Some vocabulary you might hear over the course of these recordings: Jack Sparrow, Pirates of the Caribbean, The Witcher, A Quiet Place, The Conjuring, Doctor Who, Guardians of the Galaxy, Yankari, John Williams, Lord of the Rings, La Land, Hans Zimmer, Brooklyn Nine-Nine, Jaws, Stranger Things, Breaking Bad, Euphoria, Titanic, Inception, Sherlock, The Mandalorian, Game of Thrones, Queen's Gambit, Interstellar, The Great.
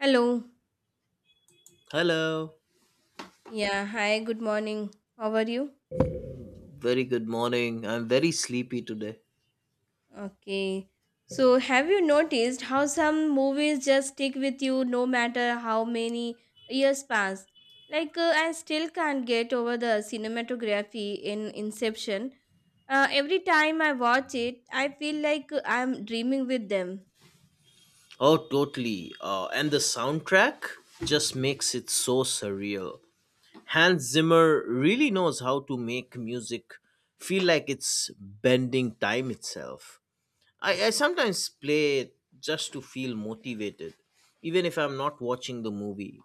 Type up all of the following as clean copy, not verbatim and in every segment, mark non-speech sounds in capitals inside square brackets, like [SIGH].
Hello. Hello. Yeah, hi, good morning. How are you? Very good morning. I'm very sleepy today. Okay. So, have you noticed how some movies just stick with you no matter how many years pass? Like, I still can't get over the cinematography in Inception. Every time I watch it, I feel like I'm dreaming with them. Oh, totally. And the soundtrack just makes it so surreal. Hans Zimmer really knows how to make music feel like it's bending time itself. I sometimes play it just to feel motivated, even if I'm not watching the movie.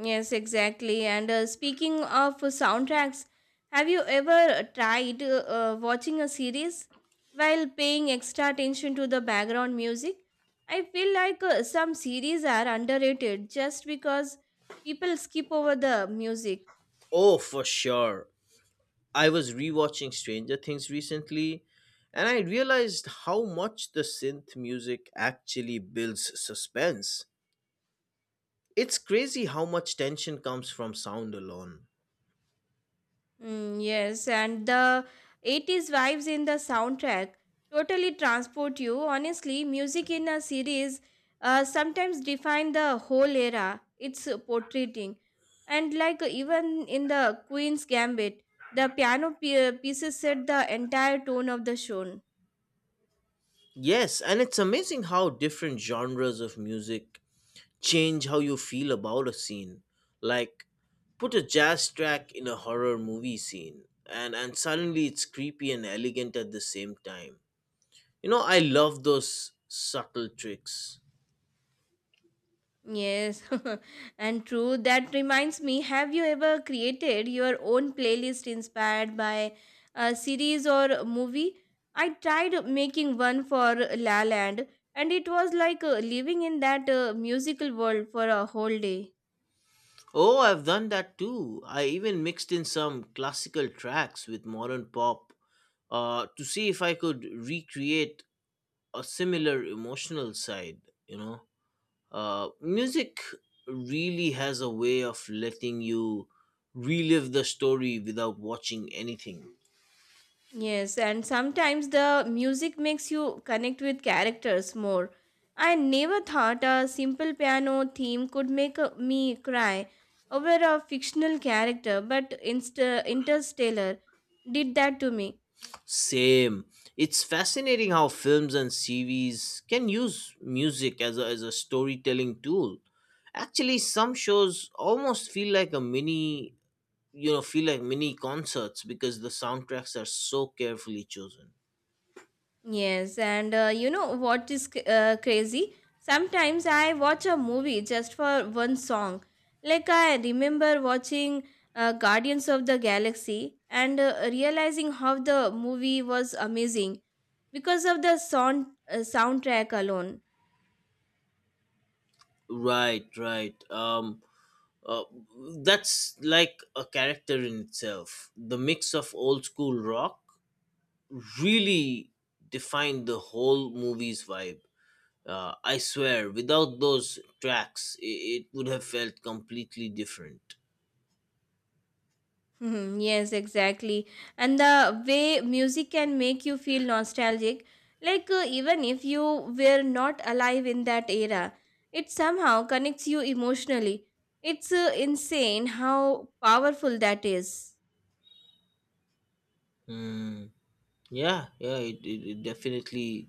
Yes, exactly. And speaking of soundtracks, have you ever tried watching a series while paying extra attention to the background music? I feel like some series are underrated just because people skip over the music. Oh, for sure. I was rewatching Stranger Things recently, and I realized how much the synth music actually builds suspense. It's crazy how much tension comes from sound alone. Mm, yes, and the 80s vibes in the soundtrack totally transport you. Honestly, music in a series sometimes define the whole era it's portraying. And like even in the Queen's Gambit, the piano pieces set the entire tone of the show. Yes, and it's amazing how different genres of music change how you feel about a scene. Like, put a jazz track in a horror movie scene, and suddenly it's creepy and elegant at the same time. You know, I love those subtle tricks. Yes, [LAUGHS] and true. That reminds me, have you ever created your own playlist inspired by a series or a movie? I tried making one for La Land, and it was like living in that musical world for a whole day. Oh, I've done that too. I even mixed in some classical tracks with modern pop to see if I could recreate a similar emotional side, you know. Music really has a way of letting you relive the story without watching anything. Yes, and sometimes the music makes you connect with characters more. I never thought a simple piano theme could make me cry over a fictional character, but Interstellar did that to me. Same. It's fascinating how films and series can use music as a storytelling tool. Actually, some shows almost feel like a mini you know feel like mini concerts because the soundtracks are so carefully chosen. Yes, and you know what is crazy? Sometimes I watch a movie just for one song. Like I remember watching Guardians of the Galaxy and realizing how the movie was amazing because of the soundtrack alone. Right, right. Um uh, that's like a character in itself. The mix of old school rock really defined the whole movie's vibe. I swear without those tracks it would have felt completely different. Mhm, yes, exactly. And the way music can make you feel nostalgic, like even if you were not alive in that era, it somehow connects you emotionally. It's insane how powerful that is. Hmm. Yeah, yeah, it definitely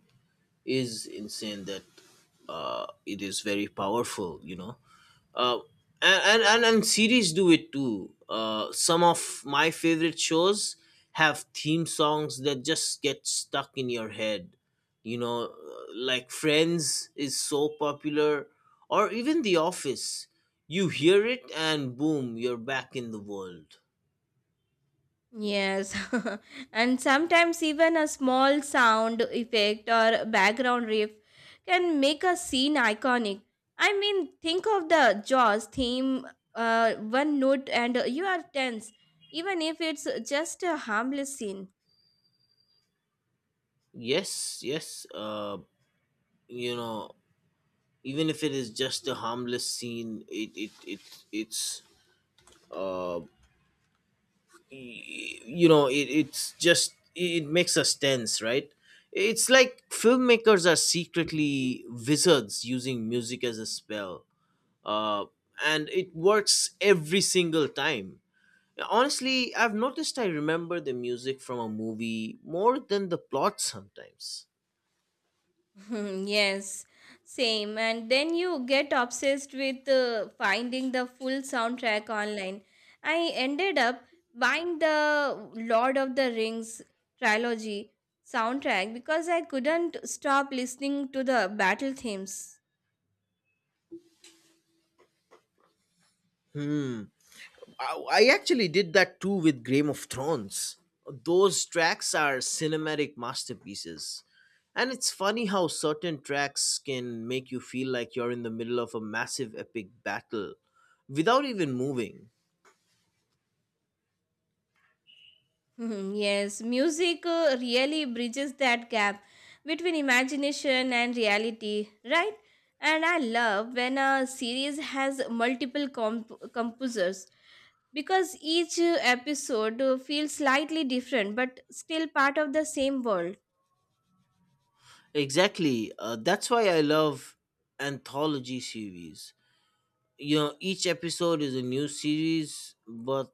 is insane that it is very powerful. uh, and series do it too. Some of my favorite shows have theme songs that just get stuck in your head you know uh, like friends is so popular, or even the office. You hear it and boom, you're back in the world. Yes, [LAUGHS] and sometimes even a small sound effect or background riff can make a scene iconic. I mean, think of the Jaws theme, one note, and you are tense, even if it's just a harmless scene. Yes, yes. Uh, you know even if it is just a harmless scene, it's uh it's just it makes us tense, right? It's like filmmakers are secretly wizards using music as a spell, uh, and it works every single time. Honestly, I've noticed I remember the music from a movie more than the plot sometimes. Hmm, yes, same. And then you get obsessed with finding the full soundtrack online. I ended up buying the Lord of the Rings trilogy soundtrack because I couldn't stop listening to the battle themes. Hmm. I actually did that too with Game of Thrones. Those tracks are cinematic masterpieces. And it's funny how certain tracks can make you feel like you're in the middle of a massive epic battle without even moving. Hmm, yes, music really bridges that gap between imagination and reality, right? And I love when a series has multiple composers because each episode feels slightly different but still part of the same world. Exactly. That's why I love anthology series. You know, each episode is a new series, but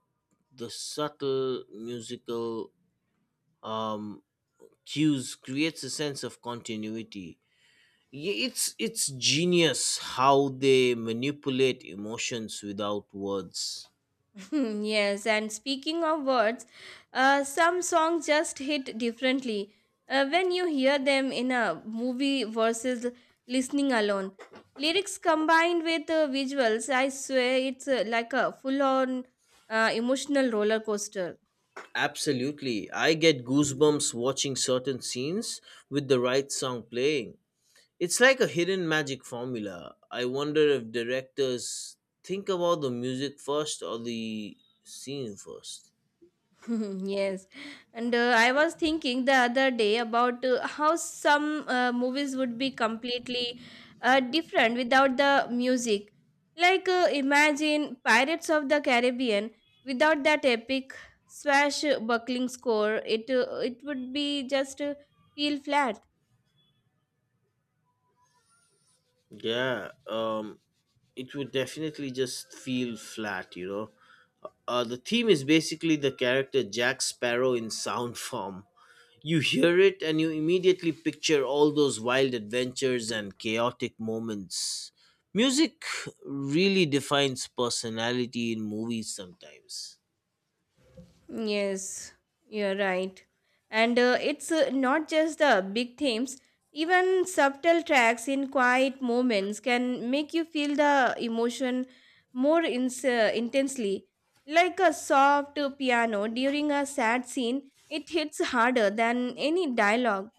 the subtle musical um, cues creates a sense of continuity. It's genius how they manipulate emotions without words. [LAUGHS] Yes, and speaking of words, some songs just hit differently when you hear them in a movie versus listening alone. Lyrics combined with visuals, I swear it's like a full on emotional roller coaster. Absolutely. I get goosebumps watching certain scenes with the right song playing. It's like a hidden magic formula. I wonder if directors think about the music first or the scene first. [LAUGHS] Yes, and I was thinking the other day about how some movies would be completely different without the music. Like imagine Pirates of the Caribbean without that epic swashbuckling score. It would be just feel flat. Yeah, it would definitely just feel flat. The theme is basically the character Jack Sparrow in sound form. You hear it and you immediately picture all those wild adventures and chaotic moments. Music really defines personality in movies sometimes. Yes, you're right. And it's not just the big themes, even subtle tracks in quiet moments can make you feel the emotion more intensely. Like a soft piano during a sad scene, it hits harder than any dialogue.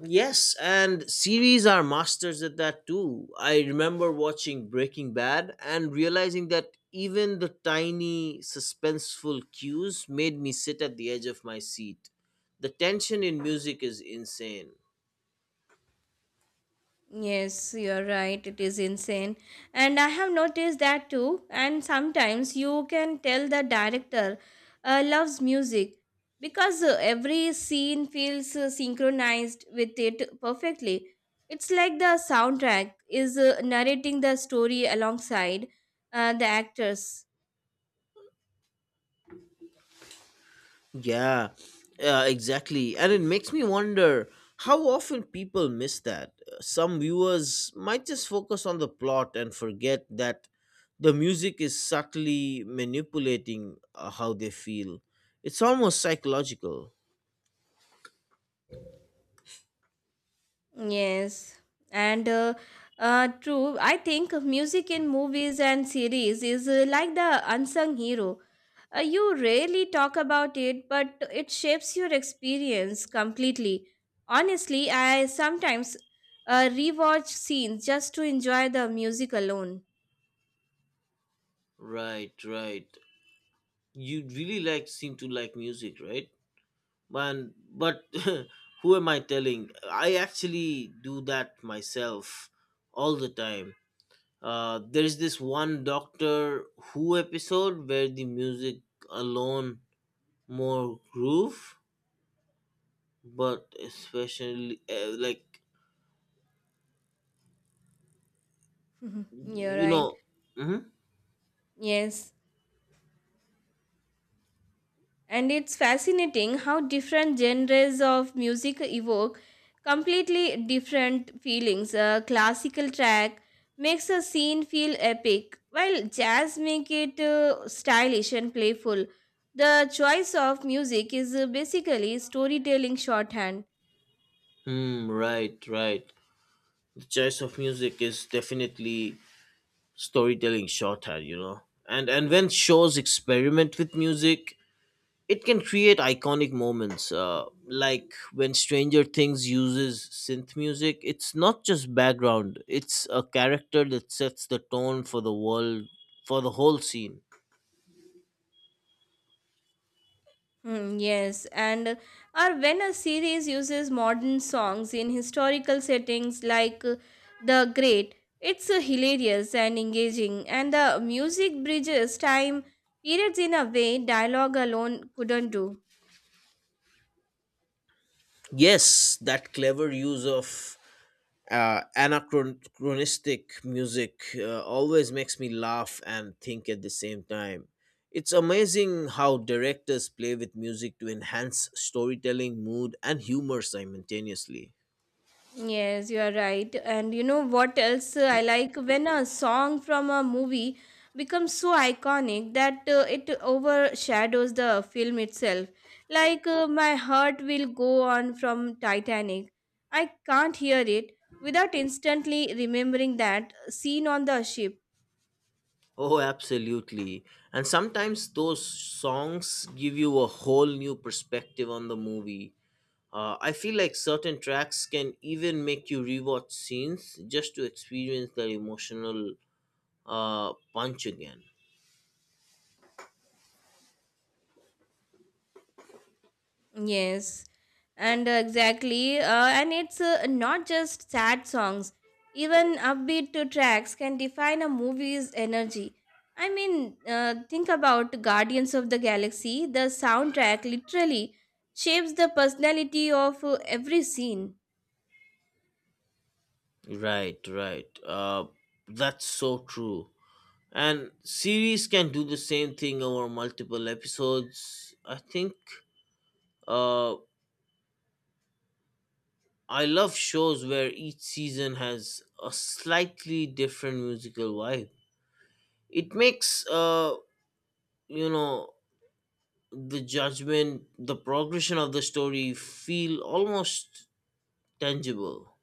Yes, and series are masters at that too. I remember watching Breaking Bad and realizing that even the tiny suspenseful cues made me sit at the edge of my seat. The tension in music is insane. Yes, you're right. It is insane. And I have noticed that too. And sometimes you can tell the director loves music because every scene feels synchronized with it perfectly. It's like the soundtrack is narrating the story alongside the actors. Yeah, exactly. And it makes me wonder how often people miss that. Some viewers might just focus on the plot and forget that the music is subtly manipulating how they feel. It's almost psychological. Yes, and true. I think music in movies and series is like the unsung hero. You rarely talk about it, but it shapes your experience completely. Honestly, I sometimes rewatch scenes just to enjoy the music alone. Right, right. You really like seem to like music, right? Man, but [LAUGHS] who am I telling? I actually do that myself all the time. There is this one Doctor Who episode where the music alone more groove, but especially like [LAUGHS] You're you right. know, mm-hmm. Yes. And it's fascinating how different genres of music evoke completely different feelings. A classical track makes a scene feel epic, while jazz make it stylish and playful. The choice of music is basically storytelling shorthand. Hmm, right, right. The choice of music is definitely storytelling shorthand. And when shows experiment with music, it can create iconic moments, like when Stranger Things uses synth music. It's not just background, it's a character that sets the tone for the world, for the whole scene. Hmm, yes, and or when a series uses modern songs in historical settings like The Great, it's hilarious and engaging, and the music bridges time periods in a way dialogue alone couldn't do. Yes, that clever use of anachronistic music always makes me laugh and think at the same time. It's amazing how directors play with music to enhance storytelling, mood, and humor simultaneously. Yes, you are right. And you know what else I like? When a song from a movie becomes so iconic that it overshadows the film itself. Like My Heart Will Go On from Titanic. I can't hear it without instantly remembering that scene on the ship. Oh, absolutely. And sometimes those songs give you a whole new perspective on the movie. I feel like certain tracks can even make you rewatch scenes just to experience that emotional punch again. Yes, and exactly, and it's not just sad songs. Even upbeat to tracks can define a movie's energy. I mean, think about Guardians of the Galaxy. The soundtrack literally shapes the personality of every scene. Right, right. That's so true. And series can do the same thing over multiple episodes. Uh, I love shows where each season has a slightly different musical vibe. It makes you know the progression of the story feel almost tangible.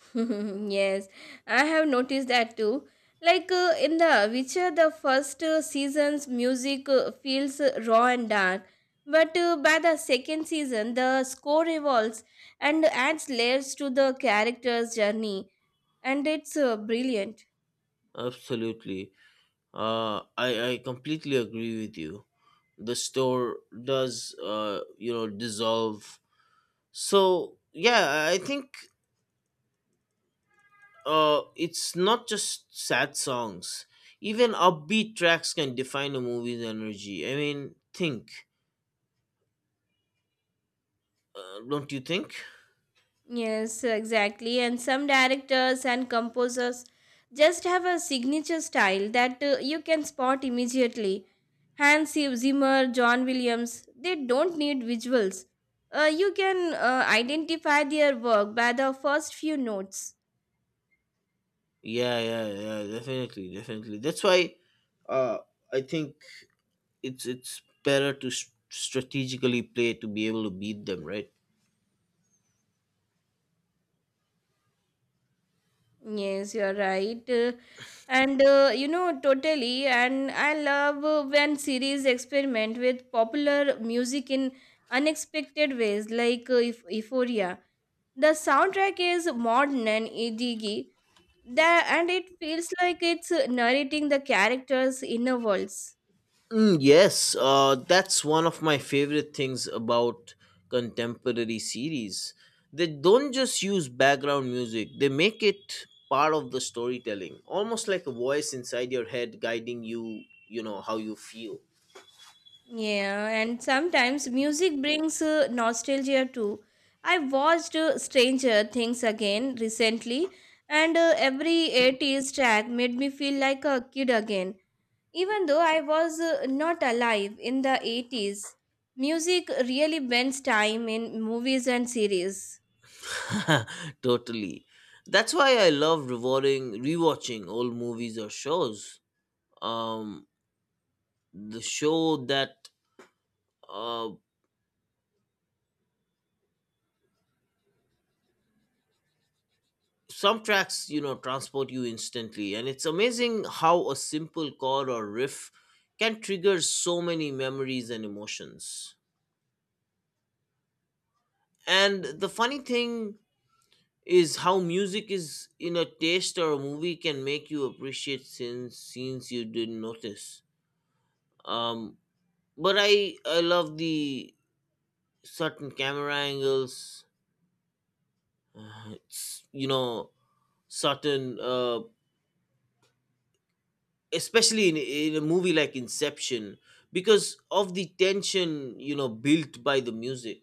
[LAUGHS] Yes, I have noticed that too. Like in The Witcher, the first season's music feels raw and dark, but by the second season, the score evolves and adds layers to the character's journey, and it's brilliant. Absolutely. I completely agree with you. The store does dissolve. So yeah, I think it's not just sad songs. Even upbeat tracks can define a movie's energy. I mean, think, don't you think? Yes, exactly. And some directors and composers just have a signature style that you can spot immediately. Hans Zimmer, John Williams, they don't need visuals. You can identify their work by the first few notes. Yeah, yeah, yeah, definitely, definitely. That's why, uh, I think it's better to strategically play to be able to beat them, right? Yes, you're right. And you know, totally. And I love when series experiment with popular music in unexpected ways, like Euphoria. The soundtrack is modern and edgy, and it feels like it's narrating the characters' inner worlds. Mm, yes, that's one of my favorite things about contemporary series. They don't just use background music, they make it part of the storytelling, almost like a voice inside your head guiding you how you feel. Yeah, and sometimes music brings nostalgia too. I watched Stranger Things again recently, and every 80s track made me feel like a kid again, even though I was not alive in the 80s. Music really bends time in movies and series. [LAUGHS] Totally. That's why I love rewatching old movies or shows. Um, the show that uh, some tracks transport you instantly, and it's amazing how a simple chord or riff can trigger so many memories and emotions. And the funny thing is how music is in a taste or a movie can make you appreciate scenes you didn't notice. Um but I love the certain camera angles. It's, certain, especially in a movie like Inception, because of the tension built by the music.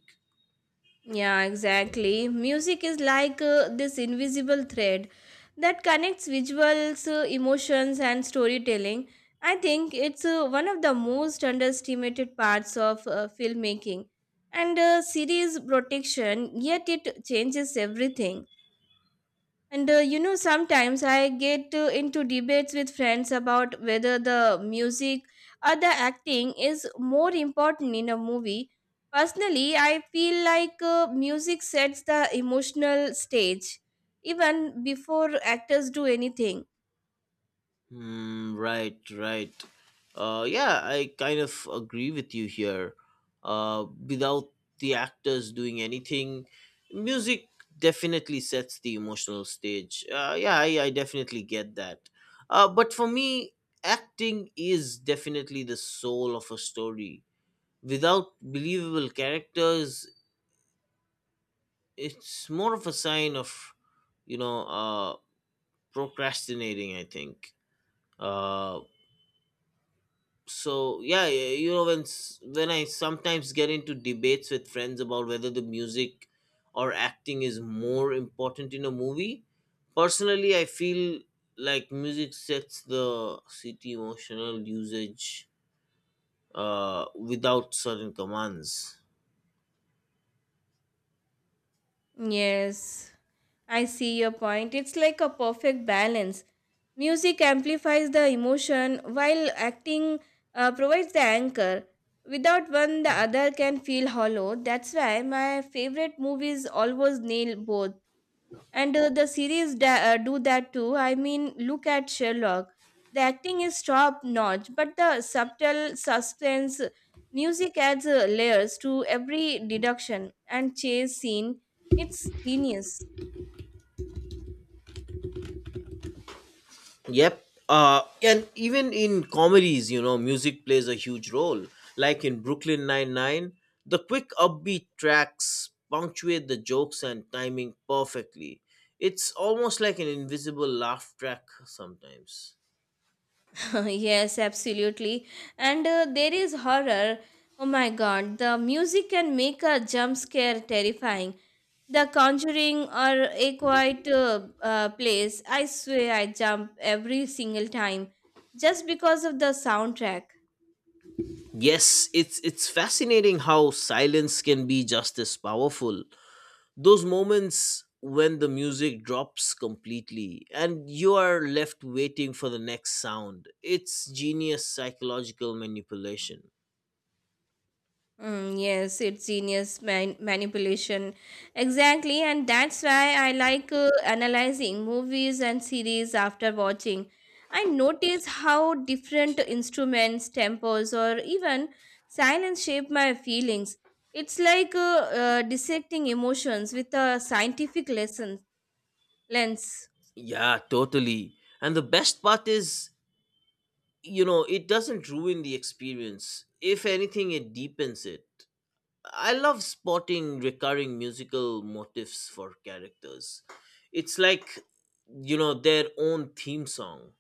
Yeah, exactly. Music is like this invisible thread that connects visuals, emotions, and storytelling. I think it's one of the most underestimated parts of filmmaking and series protection, yet it changes everything. And you know, sometimes I get into debates with friends about whether the music or the acting is more important in a movie. Personally, I feel like music sets the emotional stage even before actors do anything. Hmm. Right, right. Yeah, I kind of agree with you here. Without the actors doing anything, music definitely sets the emotional stage. Yeah, I definitely get that. But for me, acting is definitely the soul of a story. Without believable characters, it's more of a sign of you know uh procrastinating, I think. uh so yeah, when I sometimes get into debates with friends about whether the music or acting is more important in a movie. Personally, I feel like music sets the city emotional usage, without certain commands. Yes, I see your point. It's like a perfect balance. Music amplifies the emotion while acting provides the anchor. Without one, the other can feel hollow. That's why my favorite movies always nail both. And the series do that too. I mean, look at Sherlock. The acting is top notch, but the subtle suspense music adds layers to every deduction and chase scene. It's genius. Yep. And even in comedies, music plays a huge role. Like in Brooklyn Nine-Nine, the quick upbeat tracks punctuate the jokes and timing perfectly. It's almost like an invisible laugh track sometimes. Yes, absolutely. And there is horror. Oh my god, the music can make a jump scare terrifying. The Conjuring or A Quiet Place, I swear I jump every single time just because of the soundtrack. Yes, it's fascinating how silence can be just as powerful. Those moments when the music drops completely and you are left waiting for the next sound, it's genius psychological manipulation. Mm, yes, it's genius manipulation. Exactly, and that's why I like analyzing movies and series after watching. I notice how different instruments, tempos, or even silence shape my feelings. It's like dissecting emotions with a scientific lesson lens. Yeah, totally. And the best part is, it doesn't ruin the experience. If anything, it deepens it. I love spotting recurring musical motifs for characters. It's like, their own theme song.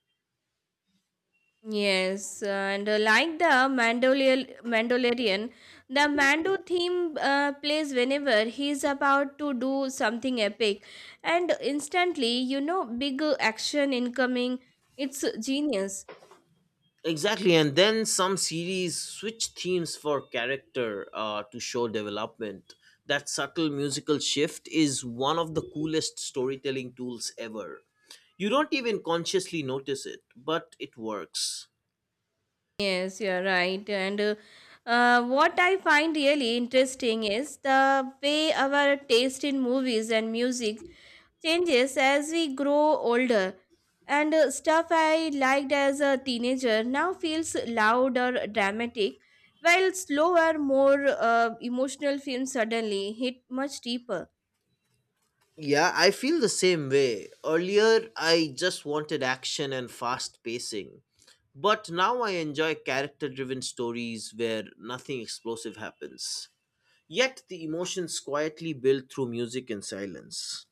Yes, and like the Mandalorian, the Mando theme plays whenever he is about to do something epic, and instantly, you know, big action incoming. It's genius. Exactly, and then some series switch themes for character, to show development. That subtle musical shift is one of the coolest storytelling tools ever. You don't even consciously notice it, but it works. Yes, you're right. And what I find really interesting is the way our taste in movies and music changes as we grow older. And stuff I liked as a teenager now feels louder, dramatic, while slower, more emotional films suddenly hit much deeper. Yeah, I feel the same way. Earlier, I just wanted action and fast pacing. But now I enjoy character driven stories where nothing explosive happens. Yet the emotions quietly build through music and silence.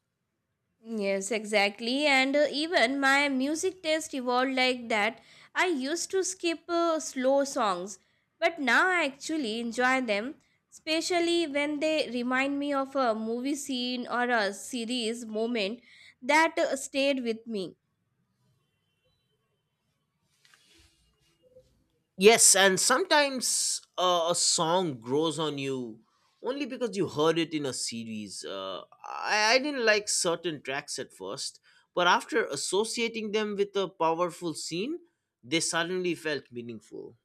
Yes, exactly. And even my music taste evolved like that. I used to skip slow songs, but now I actually enjoy them, especially when they remind me of a movie scene or a series moment that stayed with me. Yes, and sometimes a song grows on you only because you heard it in a series. I didn't like certain tracks at first, but after associating them with a powerful scene, they suddenly felt meaningful.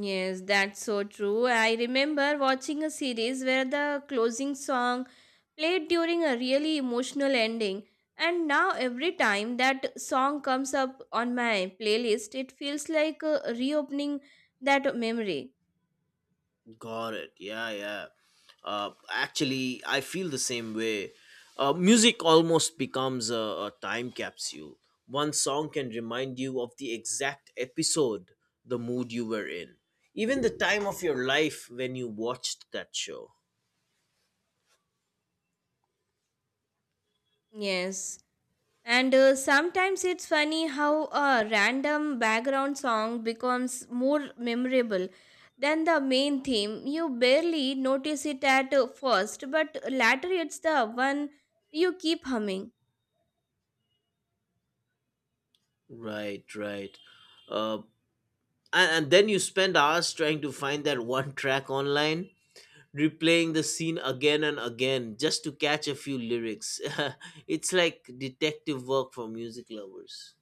Yes, that's so true. I remember watching a series where the closing song played during a really emotional ending, and now every time that song comes up on my playlist, it feels like reopening that memory. Got it. Yeah, yeah. Actually, I feel the same way. Music almost becomes a time capsule. One song can remind you of the exact episode, the mood you were in, even the time of your life when you watched that show. Yes, and sometimes it's funny how a random background song becomes more memorable than the main theme. You barely notice it at first, but later it's the one you keep humming. Right, right. Uh, and then you spend hours trying to find that one track online, replaying the scene again and again just to catch a few lyrics. [LAUGHS] It's like detective work for music lovers.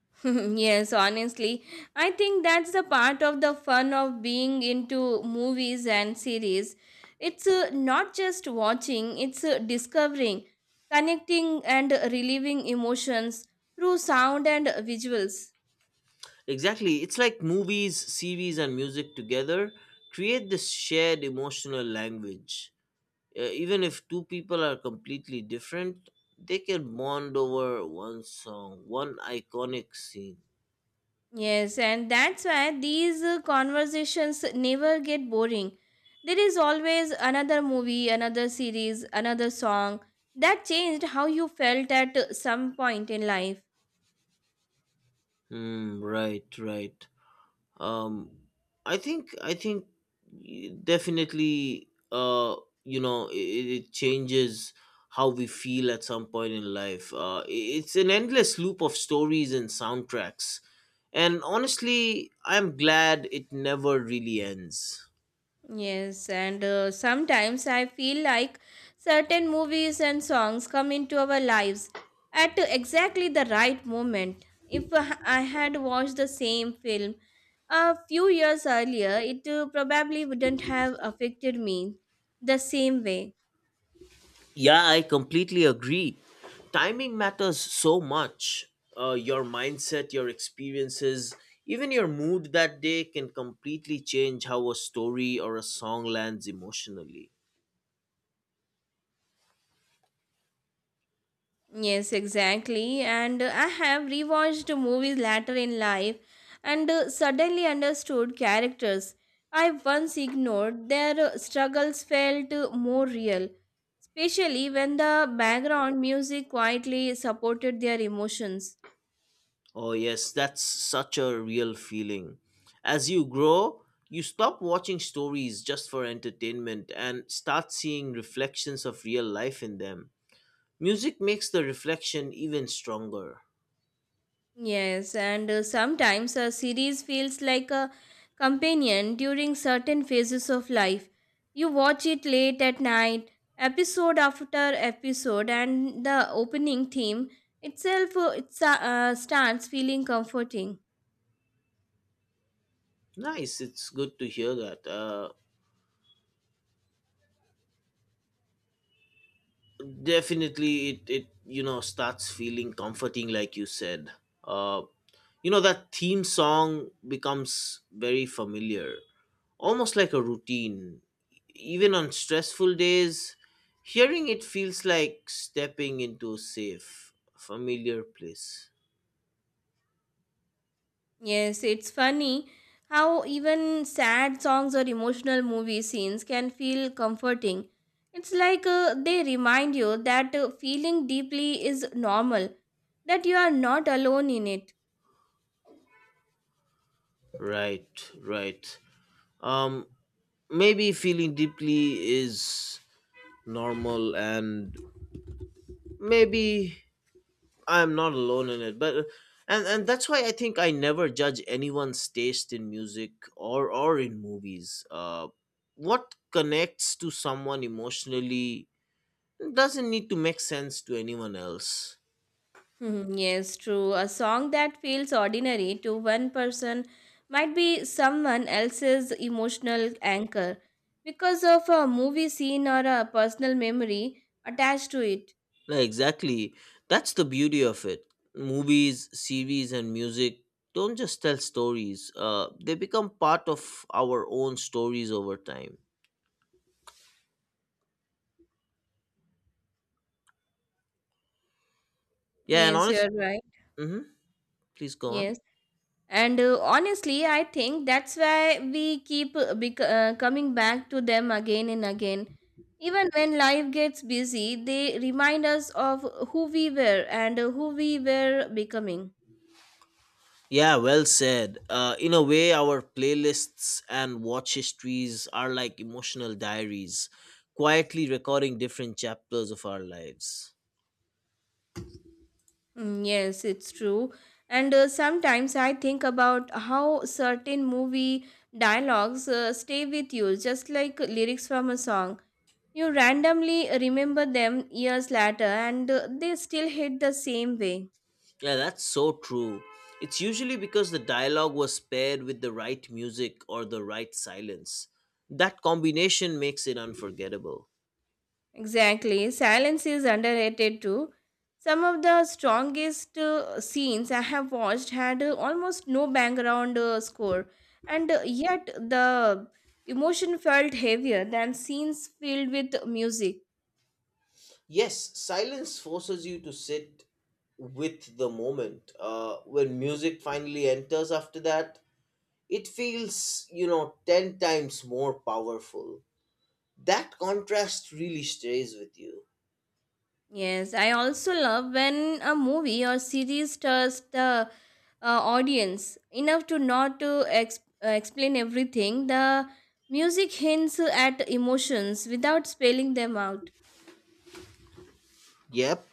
[LAUGHS] Yes, honestly, I think that's the part of the fun of being into movies and series. It's not just watching, it's discovering, connecting, and relieving emotions through sound and visuals. Exactly. It's like movies, series, and music together create this shared emotional language. Even if two people are completely different, they can bond over one song, one iconic scene. Yes, and that's why these conversations never get boring. There is always another movie, another series, another song that changed how you felt at some point in life. Hmm, right, right. um i think i think y- definitely, you know it, it changes how we feel at some point in life. It's an endless loop of stories and soundtracks, and honestly I'm glad it never really ends. Yes, and sometimes I feel like certain movies and songs come into our lives at exactly the right moment. If I had watched the same film a few years earlier, it probably wouldn't have affected me the same way. Yeah, I completely agree. Timing matters so much. Your mindset, your experiences, even your mood that day can completely change how a story or a song lands emotionally. Yes, exactly. And I have rewatched movies later in life and suddenly understood characters I once ignored. Their struggles felt more real, especially when the background music quietly supported their emotions. Oh, yes, that's such a real feeling. As you grow, you stop watching stories just for entertainment and start seeing reflections of real life in them. Music makes the reflection even stronger. Yes, and sometimes a series feels like a companion during certain phases of life. You watch it late at night, episode after episode, and the opening theme itself starts feeling comforting. Nice, it's good to hear that. Definitely, it starts feeling comforting, like you said. Uh you know that theme song becomes very familiar, almost like a routine. Even on stressful days, hearing it feels like stepping into a safe familiar place. Yes, it's funny how even sad songs or emotional movie scenes can feel comforting. It's like they remind you that feeling deeply is normal, that you are not alone in it. [LAUGHS] Right, right. um Maybe feeling deeply is normal, and maybe I'm not alone in it. But uh, and and that's why I think I never judge anyone's taste in music, or in movies. What connects to someone emotionally doesn't need to make sense to anyone else. Hmm, yes, true. A song that feels ordinary to one person might be someone else's emotional anchor because of a movie scene or a personal memory attached to it. Yeah, exactly. That's the beauty of it. Movies, series, and music don't just tell stories. They become part of our own stories over time. Yeah, and Yes, honest. you're right. Mm-hmm. Please go on. Yes. And honestly, I think that's why we keep coming back to them again and again. Even when life gets busy, they remind us of who we were and who we were becoming. Yeah, well said. In a way, our playlists and watch histories are like emotional diaries, quietly recording different chapters of our lives. Mm, yes, it's true. And sometimes I think about how certain movie dialogues stay with you, just like lyrics from a song. You randomly remember them years later, and they still hit the same way. Yeah, that's so true. It's usually because the dialogue was paired with the right music or the right silence. That combination makes it unforgettable. Exactly. Silence is underrated too. Some of the strongest scenes I have watched had almost no background score, and yet the emotion felt heavier than scenes filled with music. Yes, silence forces you to sit with the moment. When music finally enters after that, it feels 10 times more powerful. That contrast really stays with you. Yes, I also love when a movie or series tells the audience enough to not to explain everything. The music hints at emotions without spelling them out. Yep.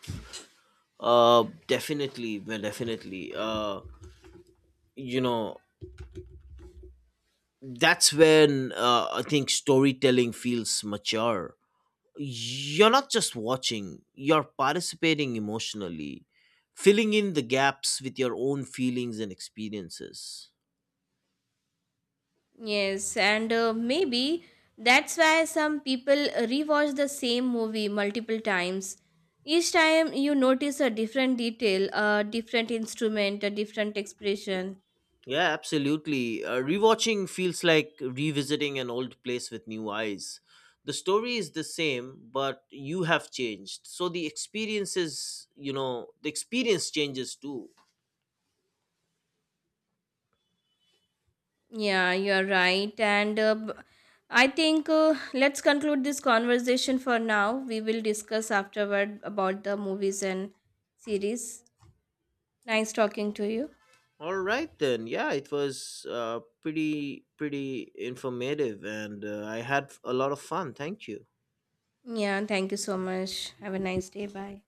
Definitely, you know that's when, I think storytelling feels mature. You're not just watching, you're participating emotionally, filling in the gaps with your own feelings and experiences. Yes, and maybe that's why some people rewatch the same movie multiple times. Each time you notice a different detail, a different instrument, a different expression. Yeah, absolutely. Rewatching feels like revisiting an old place with new eyes. The story is the same, but you have changed. So the experience is, you know, the experience changes too. Yeah, you're right. And I think let's conclude this conversation for now. We will discuss afterward about the movies and series. Nice talking to you. All right then. Yeah, it was pretty informative, and I had a lot of fun. Thank you. Yeah, thank you so much. Have a nice day. Bye.